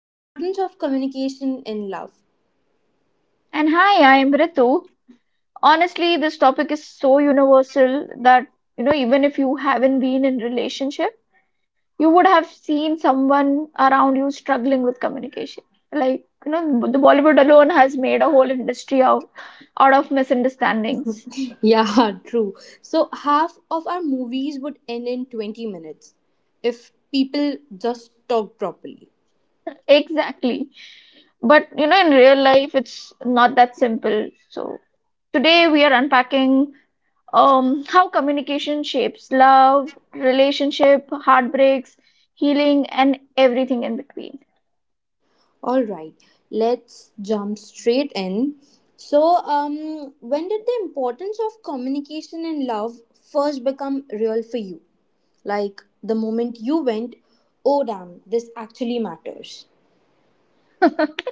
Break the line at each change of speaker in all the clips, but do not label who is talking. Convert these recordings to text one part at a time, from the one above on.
the importance of communication in love.
And hi, I'm Ritu. Honestly, this topic is so universal that, even if you haven't been in relationship, you would have seen someone around you struggling with communication. The Bollywood alone has made a whole industry out of misunderstandings.
Yeah, true. So, half of our movies would end in 20 minutes if people just talk properly.
Exactly. But, in real life, it's not that simple. So today we are unpacking how communication shapes love, relationship, heartbreaks, healing, and everything in between.
All right, let's jump straight in. So, when did the importance of communication and love first become real for you? Like the moment you went, oh damn, this actually matters.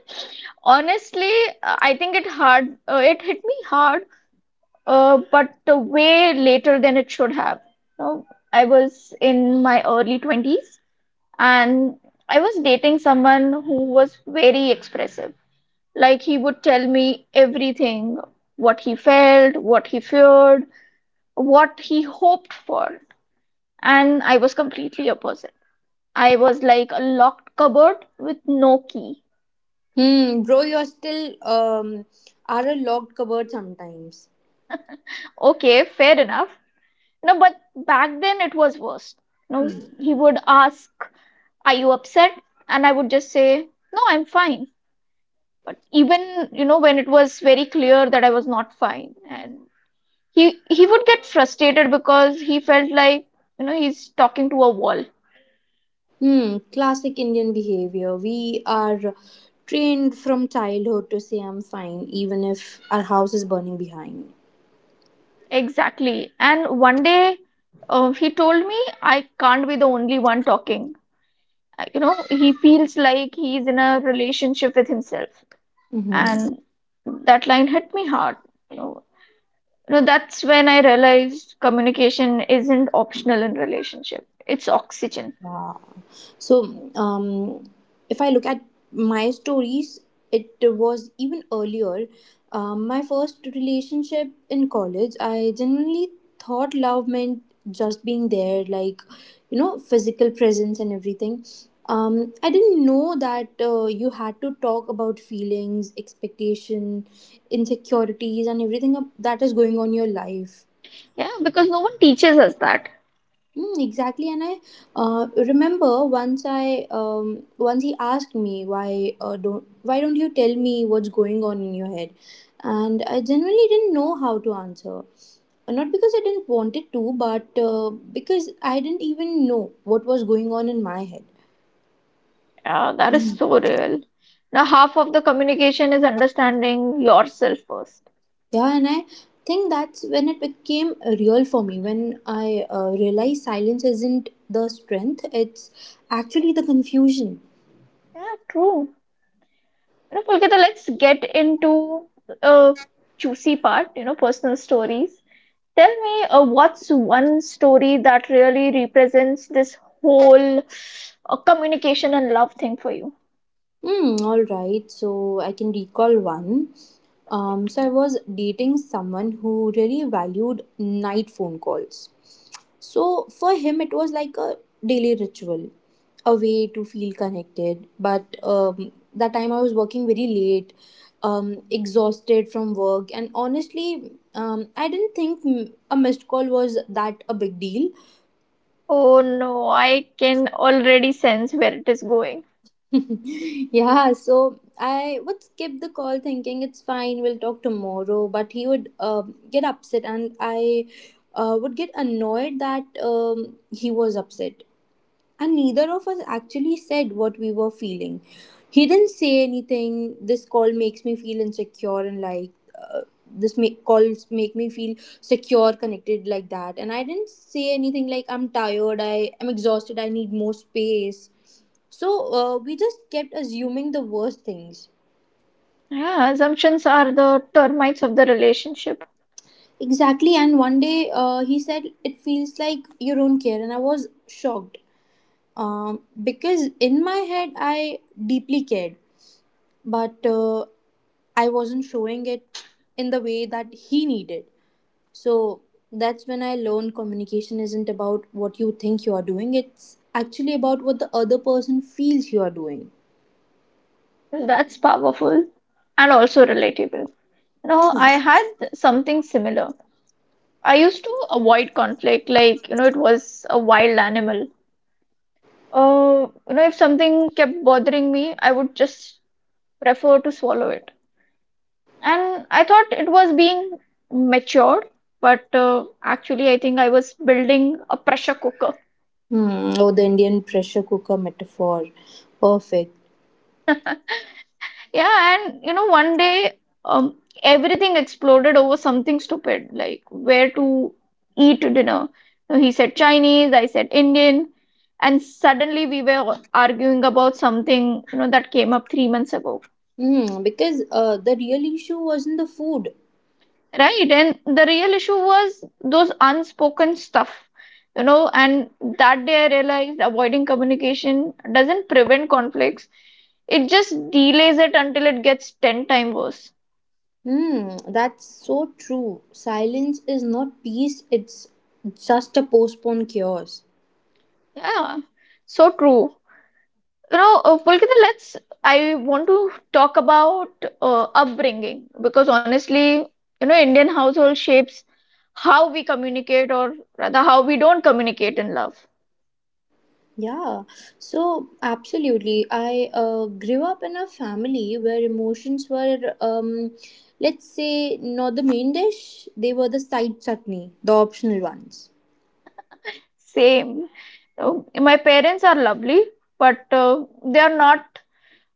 Honestly, I think it hard. It hit me hard, but way later than it should have. No, I was in my early 20s, and I was dating someone who was very expressive. Like he would tell me everything, what he felt, what he feared, what he hoped for, and I was completely opposite. I was like a locked cupboard with no key.
Hmm, bro, you're still are a locked cupboard sometimes.
Okay, fair enough. No, but back then it was worse. No,
Hmm.
he would ask, "Are you upset?" And I would just say, "No, I'm fine." But even when it was very clear that I was not fine, and he he would get frustrated because he felt like he's talking to a wall.
Hmm, classic Indian behavior. We are trained from childhood to say I'm fine, even if our house is burning behind.
Exactly. And one day he told me I can't be the only one talking. You know, he feels like he's in a relationship with himself.
Mm-hmm.
And that line hit me hard. You know, that's when I realized communication isn't optional in relationship. It's oxygen.
Wow. So, um, if I look at my stories, it was even earlier. My first relationship in college, I genuinely thought love meant just being there, like, you know, physical presence and everything. I didn't know that you had to talk about feelings, expectation, insecurities, and that is going on in your life.
Yeah, because no one teaches us that.
Mm, exactly, and I remember once he asked me why don't you tell me what's going on in your head, and I genuinely didn't know how to answer, not because I didn't want it to, but because I didn't even know what was going on in my head.
Yeah, that is
Mm.
so real. Now, half of the communication is understanding yourself first.
Yeah, and I think that's when it became real for me, when I realized silence isn't the strength; it's actually the confusion.
Yeah, true. You know, Pulkita, let's get into a juicy part, you know, personal stories. Tell me, what's one story that really represents this whole communication and love thing for you?
Hmm, all right. So I can recall one. So I was dating someone who really valued night phone calls. So for him, it was like a daily ritual, a way to feel connected. But that time I was working very late, exhausted from work, and honestly, I didn't think a missed call was that a big deal.
Oh no, I can already sense where it is going.
yeah, so I would skip the call thinking it's fine, we'll talk tomorrow. But he would get upset, and I would get annoyed that he was upset, and neither of us actually said what we were feeling. He didn't say anything. This call makes me feel insecure and like uh, calls make me feel secure, connected, like that. And I didn't say anything like I'm tired, I am exhausted, I need more space. So we just kept assuming the worst things.
Yeah, assumptions are the termites of the relationship.
Exactly. And one day he said, "It feels like you don't care." And I was shocked, because in my head, I deeply cared, but I wasn't showing it in the way that he needed. So that's when I learned communication isn't about what you think you are doing, it's actually about what the other person feels you are doing.
That's powerful and also relatable. No,
Hmm.
I had something similar. I used to avoid conflict, like, you know, it was a wild animal. You know, if something kept bothering me, I would just prefer to swallow it. And I thought it was being matured, but actually, I think I was building a pressure cooker.
Hmm. Oh, the Indian pressure cooker metaphor. Perfect.
Yeah, and you know, one day um, everything exploded over something stupid, like where to eat dinner. So he said Chinese, I said Indian, and suddenly we were arguing about something, you know, that came up 3 months ago.
Hmm. Because the real issue wasn't the food.
Right, and the real issue was those unspoken stuff, you know, and that day I realized avoiding communication doesn't prevent conflicts, it just delays it until it gets 10 times worse.
Hmm. That's so true. Silence is not peace, it's just a postponed chaos.
Yeah, so true. You know, Pulkita, I want to talk about upbringing because honestly, you know, Indian household shapes how we communicate or rather how we don't communicate in love.
Yeah, so absolutely. I grew up in a family where emotions were, let's say, not the main dish, they were the side chutney, the optional ones.
Same. Oh, my parents are lovely, but they are not,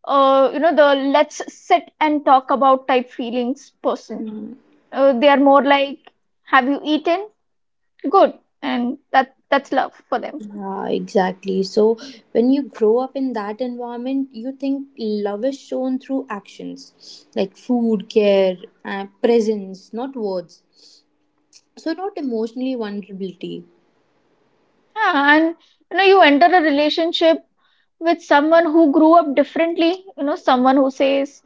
you know, the let's sit and talk about type feelings person.
Mm.
They are more like, have you eaten? Good, and that's love for them.
Yeah, exactly. So when you grow up in that environment, you think love is shown through actions like food, care, presence, not words. So, not emotionally vulnerability.
Yeah, and you know, you enter a relationship with someone who grew up differently. You know, someone who says,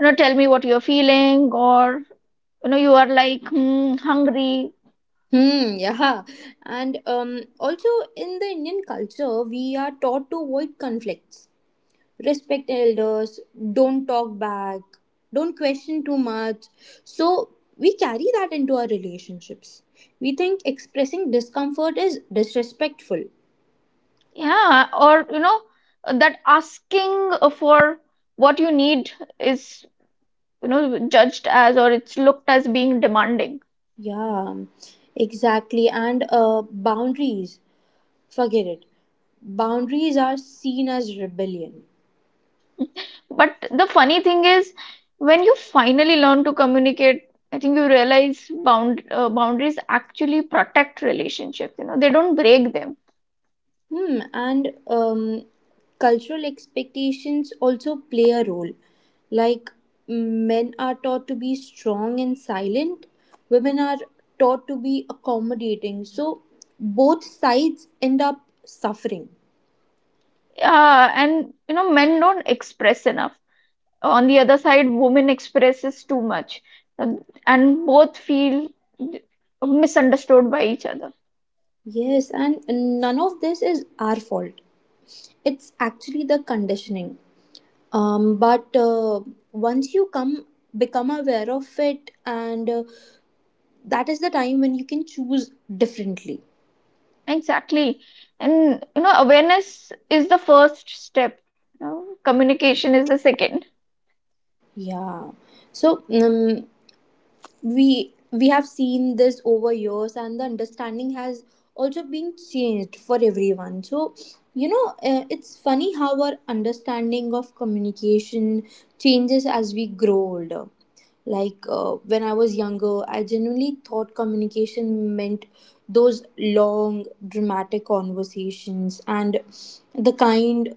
you know, tell me what you're feeling, or you know, you are like hmm, hungry.
Hmm, yeah. And also in the Indian culture, we are taught to avoid conflicts, respect elders, don't talk back, don't question too much. So we carry that into our relationships. We think expressing discomfort is disrespectful.
Yeah, or you know, that asking for what you need is, you know, judged as, or it's looked as being demanding.
Yeah, exactly. And boundaries, forget it. Boundaries are seen as rebellion.
But the funny thing is, when you finally learn to communicate, I think you realize boundaries actually protect relationships. You know, they don't break them.
Hmm, and cultural expectations also play a role. Like men are taught to be strong and silent, women are taught to be accommodating. So both sides end up suffering.
Yeah, and you know, men don't express enough. On the other side, women expresses too much, and both feel misunderstood by each other.
Yes, and none of this is our fault. It's actually the conditioning. But once you come become aware of it, and that is the time when you can choose differently.
Exactly. And you know, awareness is the first step. You know, communication is the second.
Yeah. So we have seen this over years, and the understanding has also been changed for everyone. So you know, it's funny how our understanding of communication changes as we grow older. Like when I was younger, I genuinely thought communication meant those long, dramatic conversations and the kind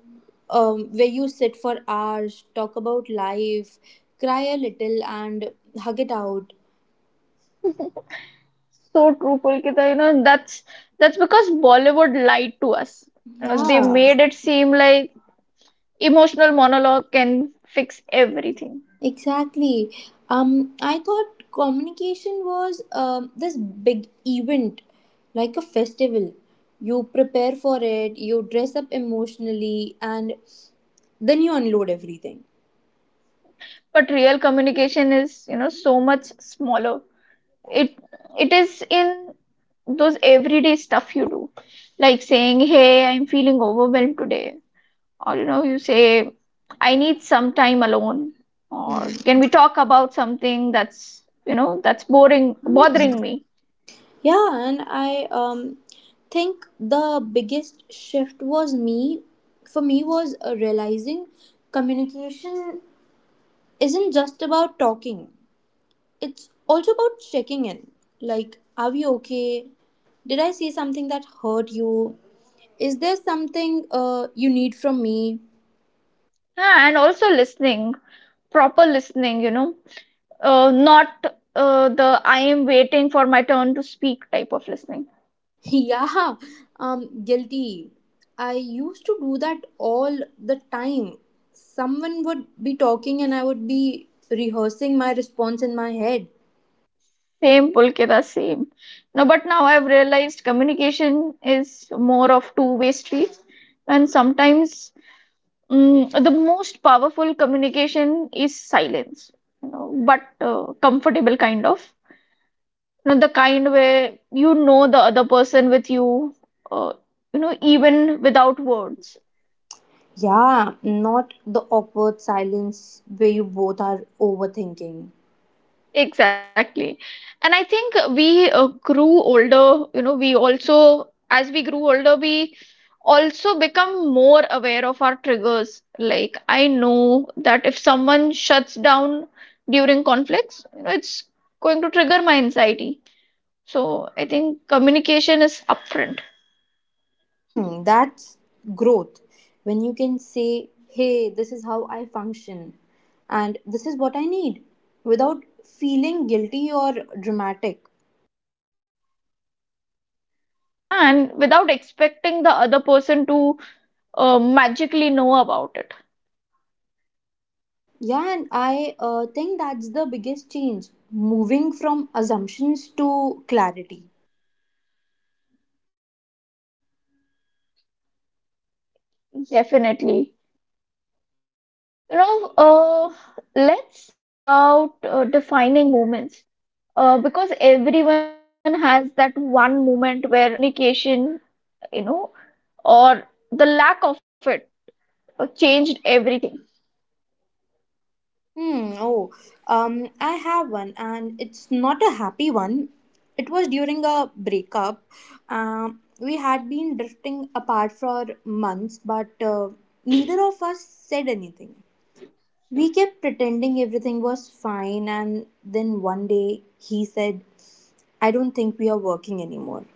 where you sit for hours, talk about life, cry a little, and hug it out.
So true, Pulkita. You know, that's because Bollywood lied to us. You know, they
Yeah.
made it seem like emotional monologue can fix everything.
Exactly. I thought communication was this big event, like a festival. You prepare for it, you dress up emotionally, and then you unload everything.
But real communication is, you know, so much smaller. It it is in those everyday stuff you do, like saying, "Hey, I'm feeling overwhelmed today," or you know you say I need some time alone, or can
Mhm.
we talk about something that's, you know, that's boring bothering me?
Yeah, and I think the biggest shift for me, was realizing communication isn't just about talking. It's also about checking in. Like, are we okay? Did I say something that hurt you? Is there something you need from me?
Yeah, and also listening, proper listening, you know, not the I am waiting for my turn to speak type of listening.
yeah, guilty. I used to do that all the time. Someone would be talking and I would be rehearsing my response in my head.
Same, Pulkita, same. No, but now I've realized communication is more of two-way streets, and sometimes, mm, the most powerful communication is silence, you know, but comfortable kind of. You know, the kind where you know the other person with you, uh, you know, even without words.
Yeah, not the awkward silence where you both are overthinking.
Exactly. And I think we grew older, you know, as we grew older, we also become more aware of our triggers. Like, I know that if someone shuts down during conflicts, you know, it's going to trigger my anxiety. So I think communication is upfront.
Hmm, that's growth. When you can say, hey, this is how I function and this is what I need without feeling guilty or dramatic.
Huh? And without expecting the other person to magically know about it.
Yeah, and I think that's the biggest change, moving from assumptions to clarity.
Definitely. You know, let's talk about defining moments because everyone has that one moment where communication, you know, or the lack of it changed everything.
Hmm. Oh, I have one, and it's not a happy one. It was during a breakup. We had been drifting apart for months, but neither of us said anything. We kept pretending everything was fine, and then one day he said, "I don't think we are working anymore,"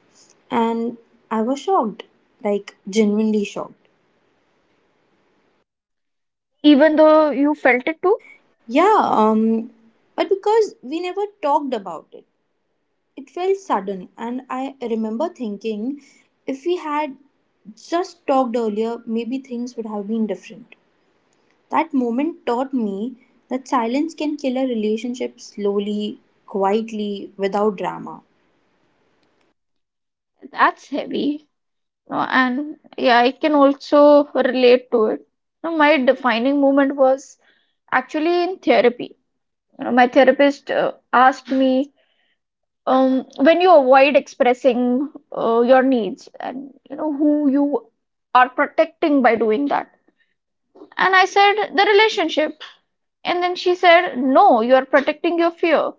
and I was shocked, like genuinely shocked.
Even though you felt it too,
Yeah. But because we never talked about it, it felt sudden, and I remember thinking if we had just talked earlier, maybe things would have been different. That moment taught me that silence can kill a relationship slowly, quietly, without drama.
that's heavy. And yeah, I can also relate to it. You, my defining moment was actually in therapy. You know, my therapist asked me, when you avoid expressing your needs, and you know who you are protecting by doing that. And I said the relationship. And then she said, no, you are protecting your fear.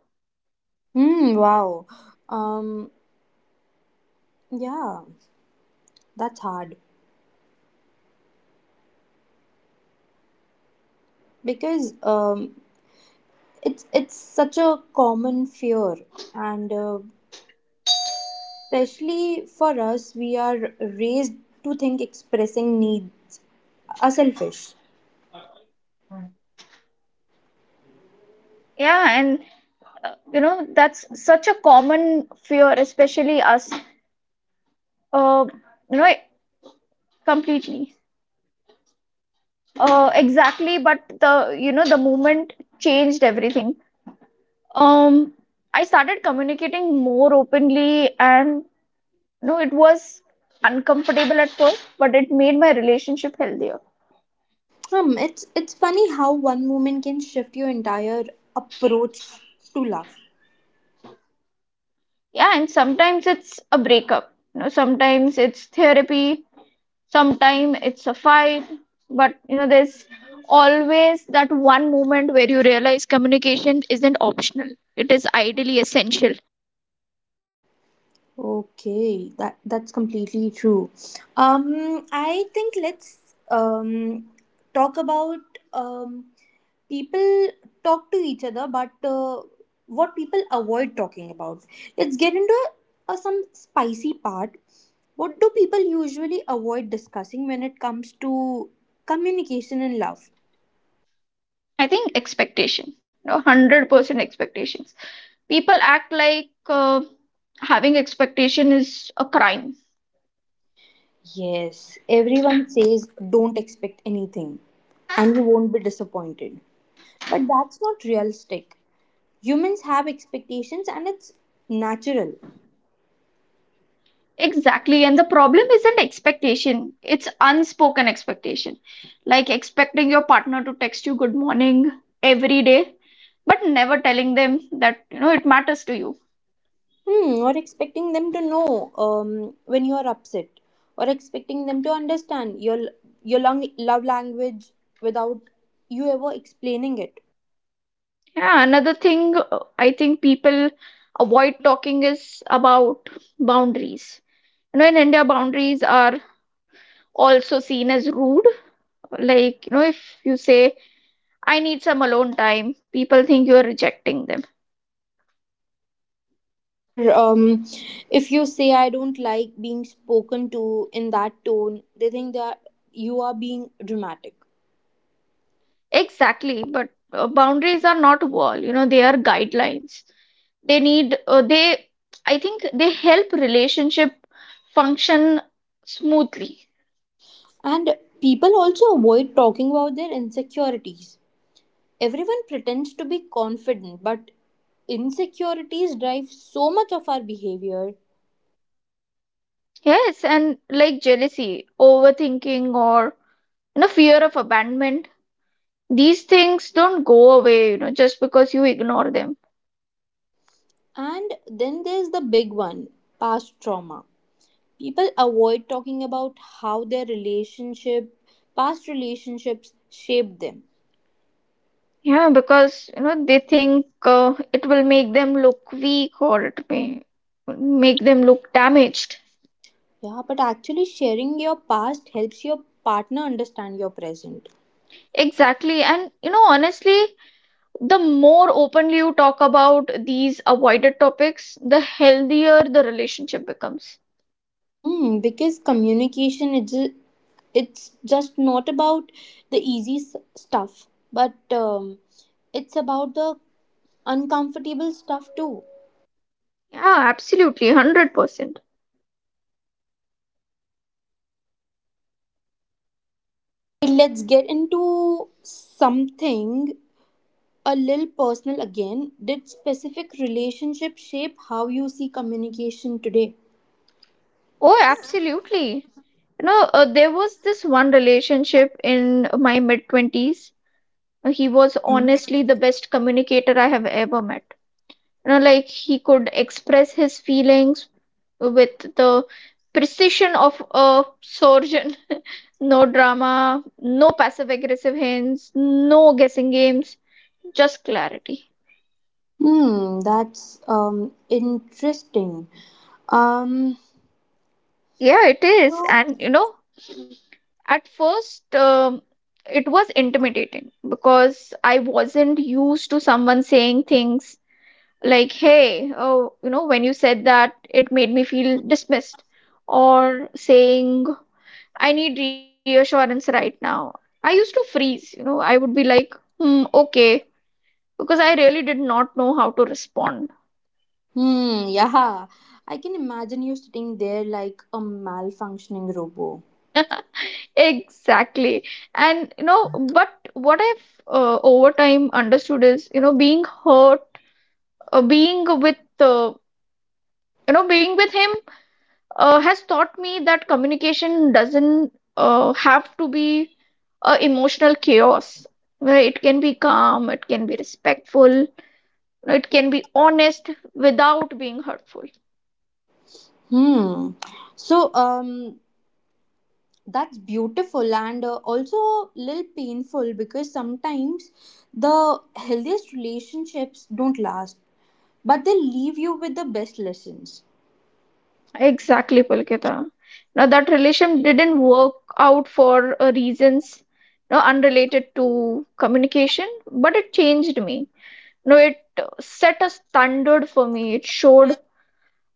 Hmm, wow. Um, yeah, that's hard because it's such a common fear, and especially for us, we are raised to think expressing needs are selfish.
Yeah, and you know that's such a common fear, especially us. Uh, you know, completely. Exactly, but the you know the movement changed everything. Um, I started communicating more openly, and no, it was uncomfortable at first, but it made my relationship healthier.
It's funny how one moment can shift your entire approach to love.
Yeah, and sometimes it's a breakup, you know, sometimes it's therapy, sometimes it's a fight, but you know, there's always that one moment where you realize communication isn't optional, it is ideally essential.
Okay, that's completely true. I think Let's talk about people talk to each other, but what people avoid talking about. Let's get into some spicy part. What do people usually avoid discussing when it comes to communication and love?
I think expectation, you know, 100% expectations. People act like having expectation is a crime.
Yes, everyone says don't expect anything and you won't be disappointed. But that's not realistic. Humans have expectations and it's natural.
Exactly. And the problem isn't expectation, it's unspoken expectation. Like expecting your partner to text you good morning every day, but never telling them that, you know, it matters to you.
Hmm, or expecting them to know when you are upset, or expecting them to understand your love language without you ever explaining it.
Yeah, another thing I think people avoid talking is about boundaries. You know, in India, boundaries are also seen as rude. Like, you know, if you say, I need some alone time, people think you are rejecting them.
Or if you say I don't like being spoken to in that tone, they think that you are being dramatic.
Exactly, but boundaries are not a wall, you know, they are guidelines. They need, uh, they, I think they help relationship function smoothly.
And people also avoid talking about their insecurities. Everyone pretends to be confident, but insecurities drive so much of our behavior.
Yes, and like jealousy, overthinking, or, you know, fear of abandonment, these things don't go away, you know, just because you ignore them.
And then there's the big one, past trauma. People avoid talking about how past relationships shaped them.
Yeah, because you know they think it will make them look weak or it may make them look damaged.
Yeah, but actually, sharing your past helps your partner understand your present.
Exactly. And you know, honestly, the more openly you talk about these avoided topics, the healthier the relationship becomes.
Mm, because communication, it's ju- it's just not about the stuff, but um, it's about the uncomfortable stuff too.
Yeah, absolutely, 100%.
Let's get into something a little personal again. Did specific relationships shape how you see communication today?
Oh, absolutely. You know, there was this one relationship in my mid 20s. He was honestly the best communicator I have ever met. You know, like he could express his feelings with the precision of a surgeon. No drama, no passive aggressive hints, no guessing games, just clarity.
Hmm, that's interesting. Um,
Yeah, it is. And you know, at first, it was intimidating because I wasn't used to someone saying things like, hey, oh, you know, when you said that, it made me feel dismissed, or saying, I need reassurance right now. I used to freeze, you know, I would be like, hmm, okay, because I really did not know how to respond.
hmm, yeah. I can imagine you sitting there like a malfunctioning robot.
Exactly. And, you know, but what I've over time understood is, you know, being you know, being with him has taught me that communication doesn't have to be emotional chaos. Right? It can be calm, it can be respectful, it can be honest without being hurtful.
Hmm. So, um, that's beautiful and also a little painful because sometimes the healthiest relationships don't last, but they leave you with the best lessons.
Exactly, Pulkita. Now, that relation didn't work out for reasons, you know, unrelated to communication, but it changed me. No, it set a standard for me. It showed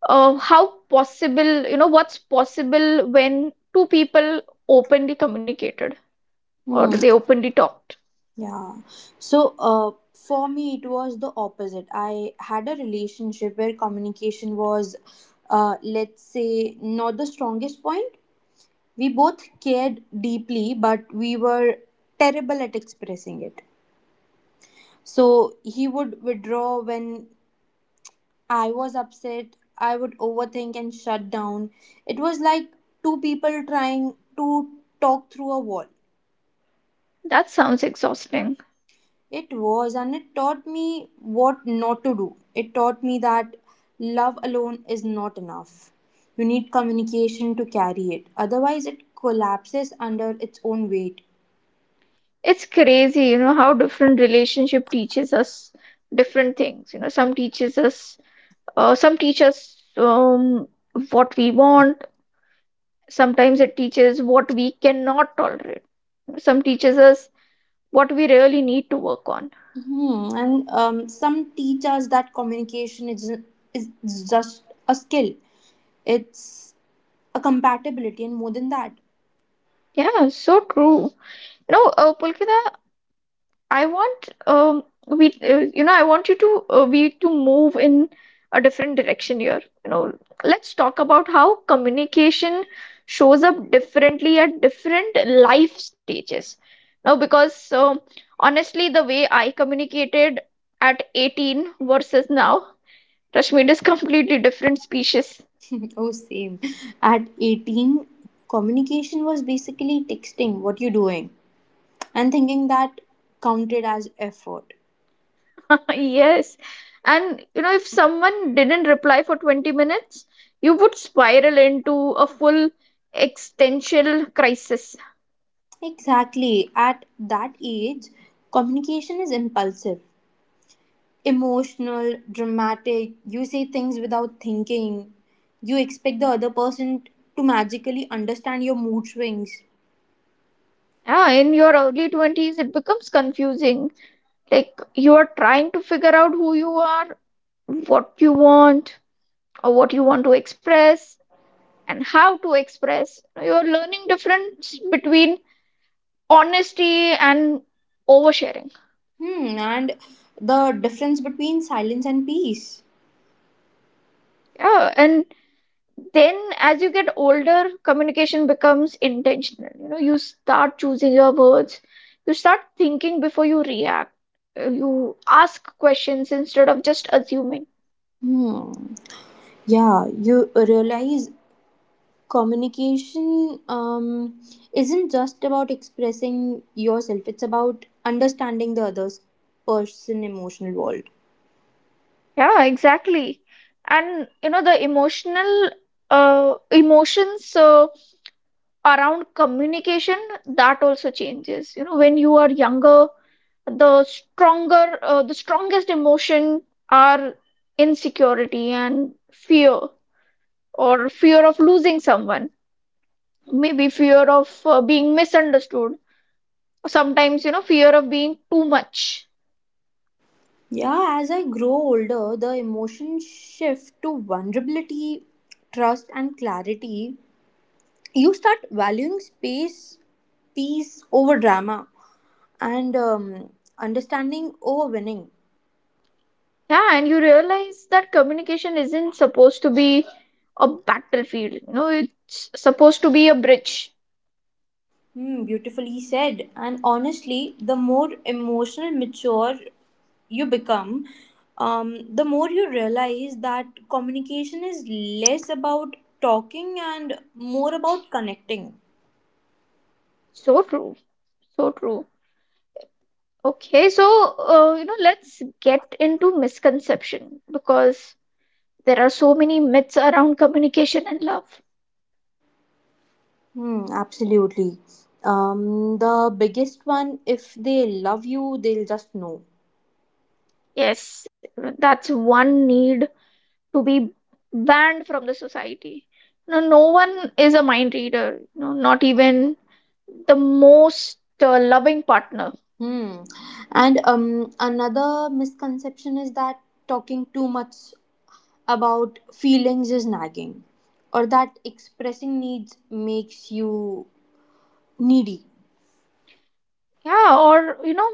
how possible, you know, what's possible when two people openly communicated or
Hmm,
they openly talked.
yeah. so uh, for me it was the opposite. I had a relationship where communication was, let's say, not the strongest point. We both cared deeply, but we were terrible at expressing it. So he would withdraw when I was upset, I would overthink and shut down. It was like two people trying to talk through a wall.
That sounds exhausting.
It was, and it taught me what not to do. It taught me that love alone is not enough. You need communication to carry it, otherwise, it collapses under its own weight.
It's crazy, you know, how different relationship teaches us different things. You know, some teach us what we want. Sometimes it teaches what we cannot tolerate. Some teaches us what we really need to work on.
Hmm. And some teach us that communication is just a skill, it's a compatibility, and more than that.
Yeah, so true. You know, Pulkita, I want we you know I want you to we to move in a different direction here. You know, let's talk about how communication shows up differently at different life stages. Now, because honestly, the way I communicated at 18 versus now, Rashmi is completely different species.
Oh, same. At 18, communication was basically texting what you're doing and thinking that counted as effort.
Yes. And you know, if someone didn't reply for 20 minutes, you would spiral into a full existential crisis.
Exactly. At that age, communication is impulsive, emotional, dramatic. You say things without thinking. You expect the other person to magically understand your mood swings.
Yeah, in your early 20s, it becomes confusing. Like you are trying to figure out who you are, what you want, or what you want to express, and how to express. You're learning difference between honesty and oversharing.
Hmm, and the difference between silence and peace.
Yeah, and then as you get older, communication becomes intentional. You know, you start choosing your words, you start thinking before you react. You ask questions instead of just assuming.
Hmm. Yeah, you realize communication isn't just about expressing yourself, it's about understanding the other person's emotional world.
Yeah, exactly. And you know, the emotional uh, emotions around communication, that also changes. You know, when you are younger, the stronger the strongest emotion are insecurity and fear, or fear of losing someone, maybe fear of being misunderstood, or sometimes you know fear of being too much.
Yeah, as I grow older, the emotions shift to vulnerability, trust, and clarity. You start valuing space, peace over drama, and understanding over winning.
Yeah, and you realize that communication isn't supposed to be a battlefield. You know, it's supposed to be a bridge.
Hmm, beautifully said. And honestly, the more emotional mature you become, the more you realize that communication is less about talking and more about connecting.
So true, so true. Okay, so you know, let's get into misconception, because there are so many myths around communication and love.
Hmm, absolutely. The biggest one: if they love you, they'll just know.
Yes, that's one need to be banned from the society. No, no one is a mind reader, you know, not even the most loving partner.
Hmm. And another misconception is that talking too much about feelings is nagging, or that expressing needs makes you needy.
Yeah, or you know,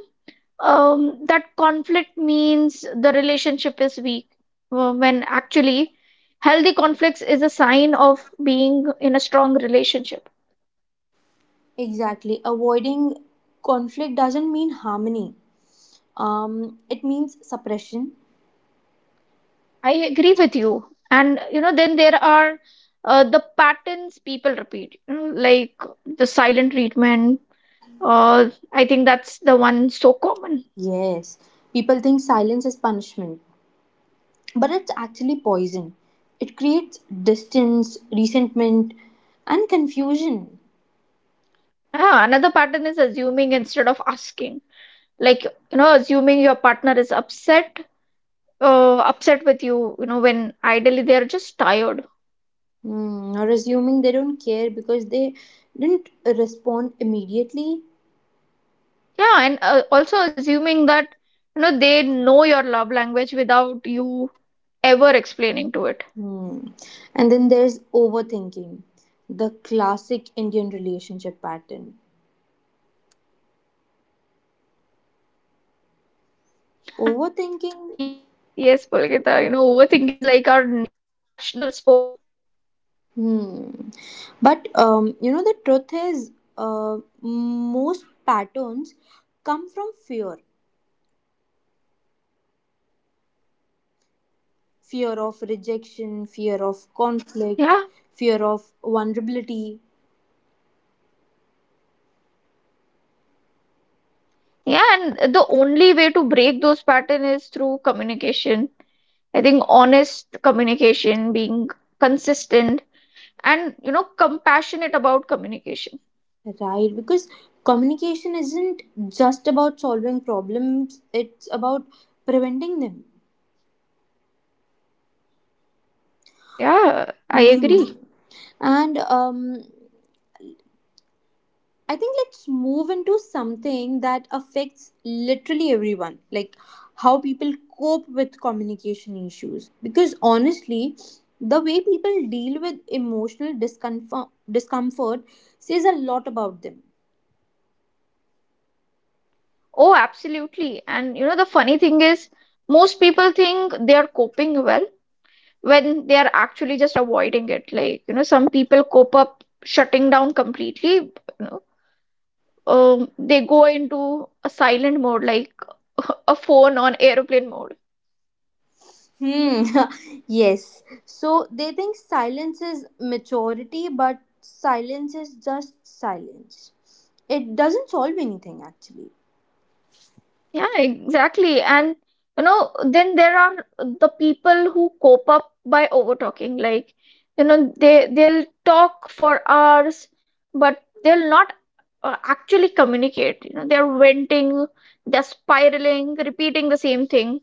that conflict means the relationship is weak, when actually healthy conflicts is a sign of being in a strong relationship.
Exactly. Avoiding conflict doesn't mean harmony. It means suppression.
I agree with you. And you know, then there are the patterns people repeat, you know, like the silent treatment. I think that's the one so common.
Yes. People think silence is punishment, but it's actually poison. It creates distance, resentment, and confusion.
Ah, another pattern is assuming instead of asking. Like, you know, assuming your partner is upset with you, you know, when ideally they're just tired.
Hmm, or assuming they don't care because they didn't respond immediately.
Yeah, and also assuming that, you know, they know your love language without you ever explaining to it.
Hmm. And then there's overthinking, the classic Indian relationship pattern.
Yes, yes, Pulkita, you know, overthinking is like our na
Overthinking.
national sport.
Hmm. But the truth is, most patterns come from fear: fear of
Yeah,
rejection, fear of conflict, fear of vulnerability,
yeah, and the only way to break those patterns is through communication. I think honest communication, being consistent, and you know, compassionate about communication.
right? Because communication isn't just about solving problems, it's about preventing them.
Yeah, I agree.
Mm. And I think let's move into something that affects literally everyone, like how people cope with communication issues. Because honestly, the way people deal with emotional discomfort says a lot about them.
Oh, absolutely. And you know, the funny thing is, most people think they are coping well when they are actually just avoiding it. Like, you know, some people cope up shutting down completely. You know, they go into a silent mode, like a phone on airplane mode.
Hmm. Yes. So they think silence is maturity, but silence is just silence. It doesn't solve anything, actually.
Yeah, exactly. And you know, then there are the people who cope up by over talking. Like, you know, they'll talk for hours, but they'll not actually communicate. You know, they're venting, they're spiraling, repeating the same thing.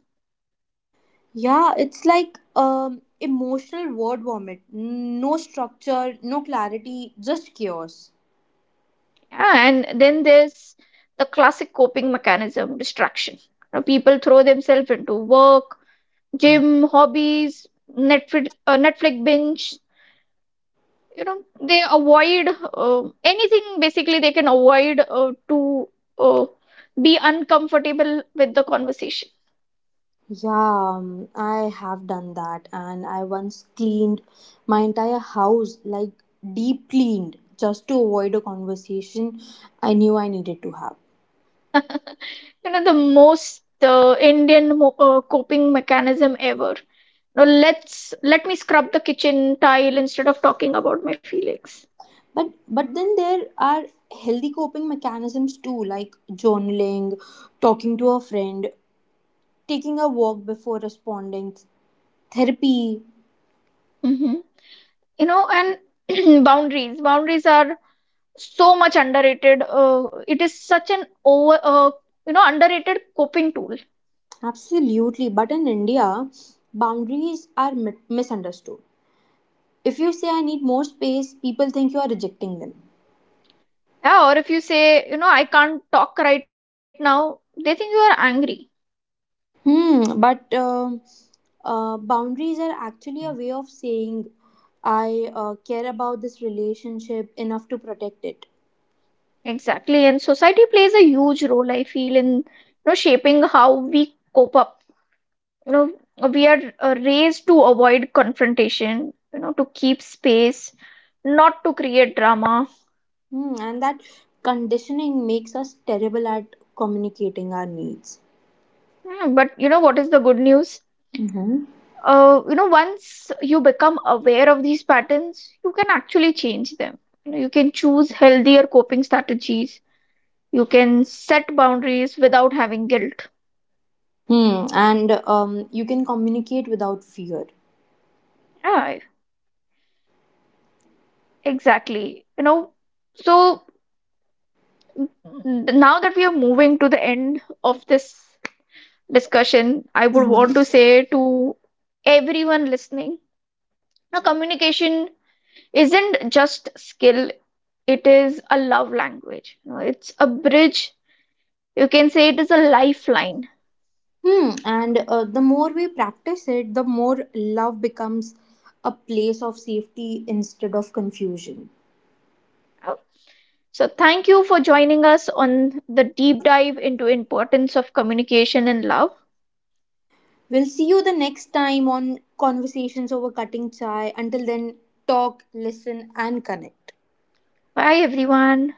Yeah, it's like emotional word vomit. No structure, no clarity, just chaos.
Yeah, and then there's the classic coping mechanism, distraction. You know, people throw themselves into work, gym, hobbies, Netflix binge. You know, they avoid anything, basically, they can avoid to uh, be uncomfortable with the conversation.
Yeah, I have done that, and I once cleaned my entire house, like deep cleaned, just to avoid a conversation I knew I needed to have.
You know, the most Indian coping mechanism ever. Now let me scrub the kitchen tile instead of talking about my feelings.
but but then there are healthy coping mechanisms too, like journaling, talking to a friend, taking a walk before responding, therapy.
hmm you know, and boundaries are so much underrated. It is such an over you know, underrated coping tool.
Absolutely, but in India boundaries are misunderstood. If you say I need more space, people think you are rejecting them.
Yeah, or if you say, you know, I can't talk right now, they think you are angry.
Hmm, but boundaries are actually a way of saying I care about this relationship enough to protect it.
Exactly. And society plays a huge role, I feel, in, you know, shaping how we cope up. You know, we are raised to avoid confrontation, you know, to keep space, not to create drama.
Hmm, and that conditioning makes us terrible at communicating our needs.
Hmm, but you know what is the good news?
Mm-hmm.
You know, once you become aware of these patterns, you can actually change them. You know, you can choose healthier coping strategies. You can set boundaries without having guilt.
Hmm, and you can communicate without fear.
Yeah, exactly. You know, so n- now that we are moving to the end of this discussion, I would want to say to everyone listening, now communication isn't just skill, it is a love language. You know, it's a bridge. You can say it is a lifeline.
Hmm, and the more we practice it, the more love becomes a place of safety instead of confusion.
Uh, So thank you for joining us on the deep dive into importance of communication and love.
We'll see you the next time on Conversations Over Cutting Chai. Until then, talk, listen, and connect.
Bye everyone.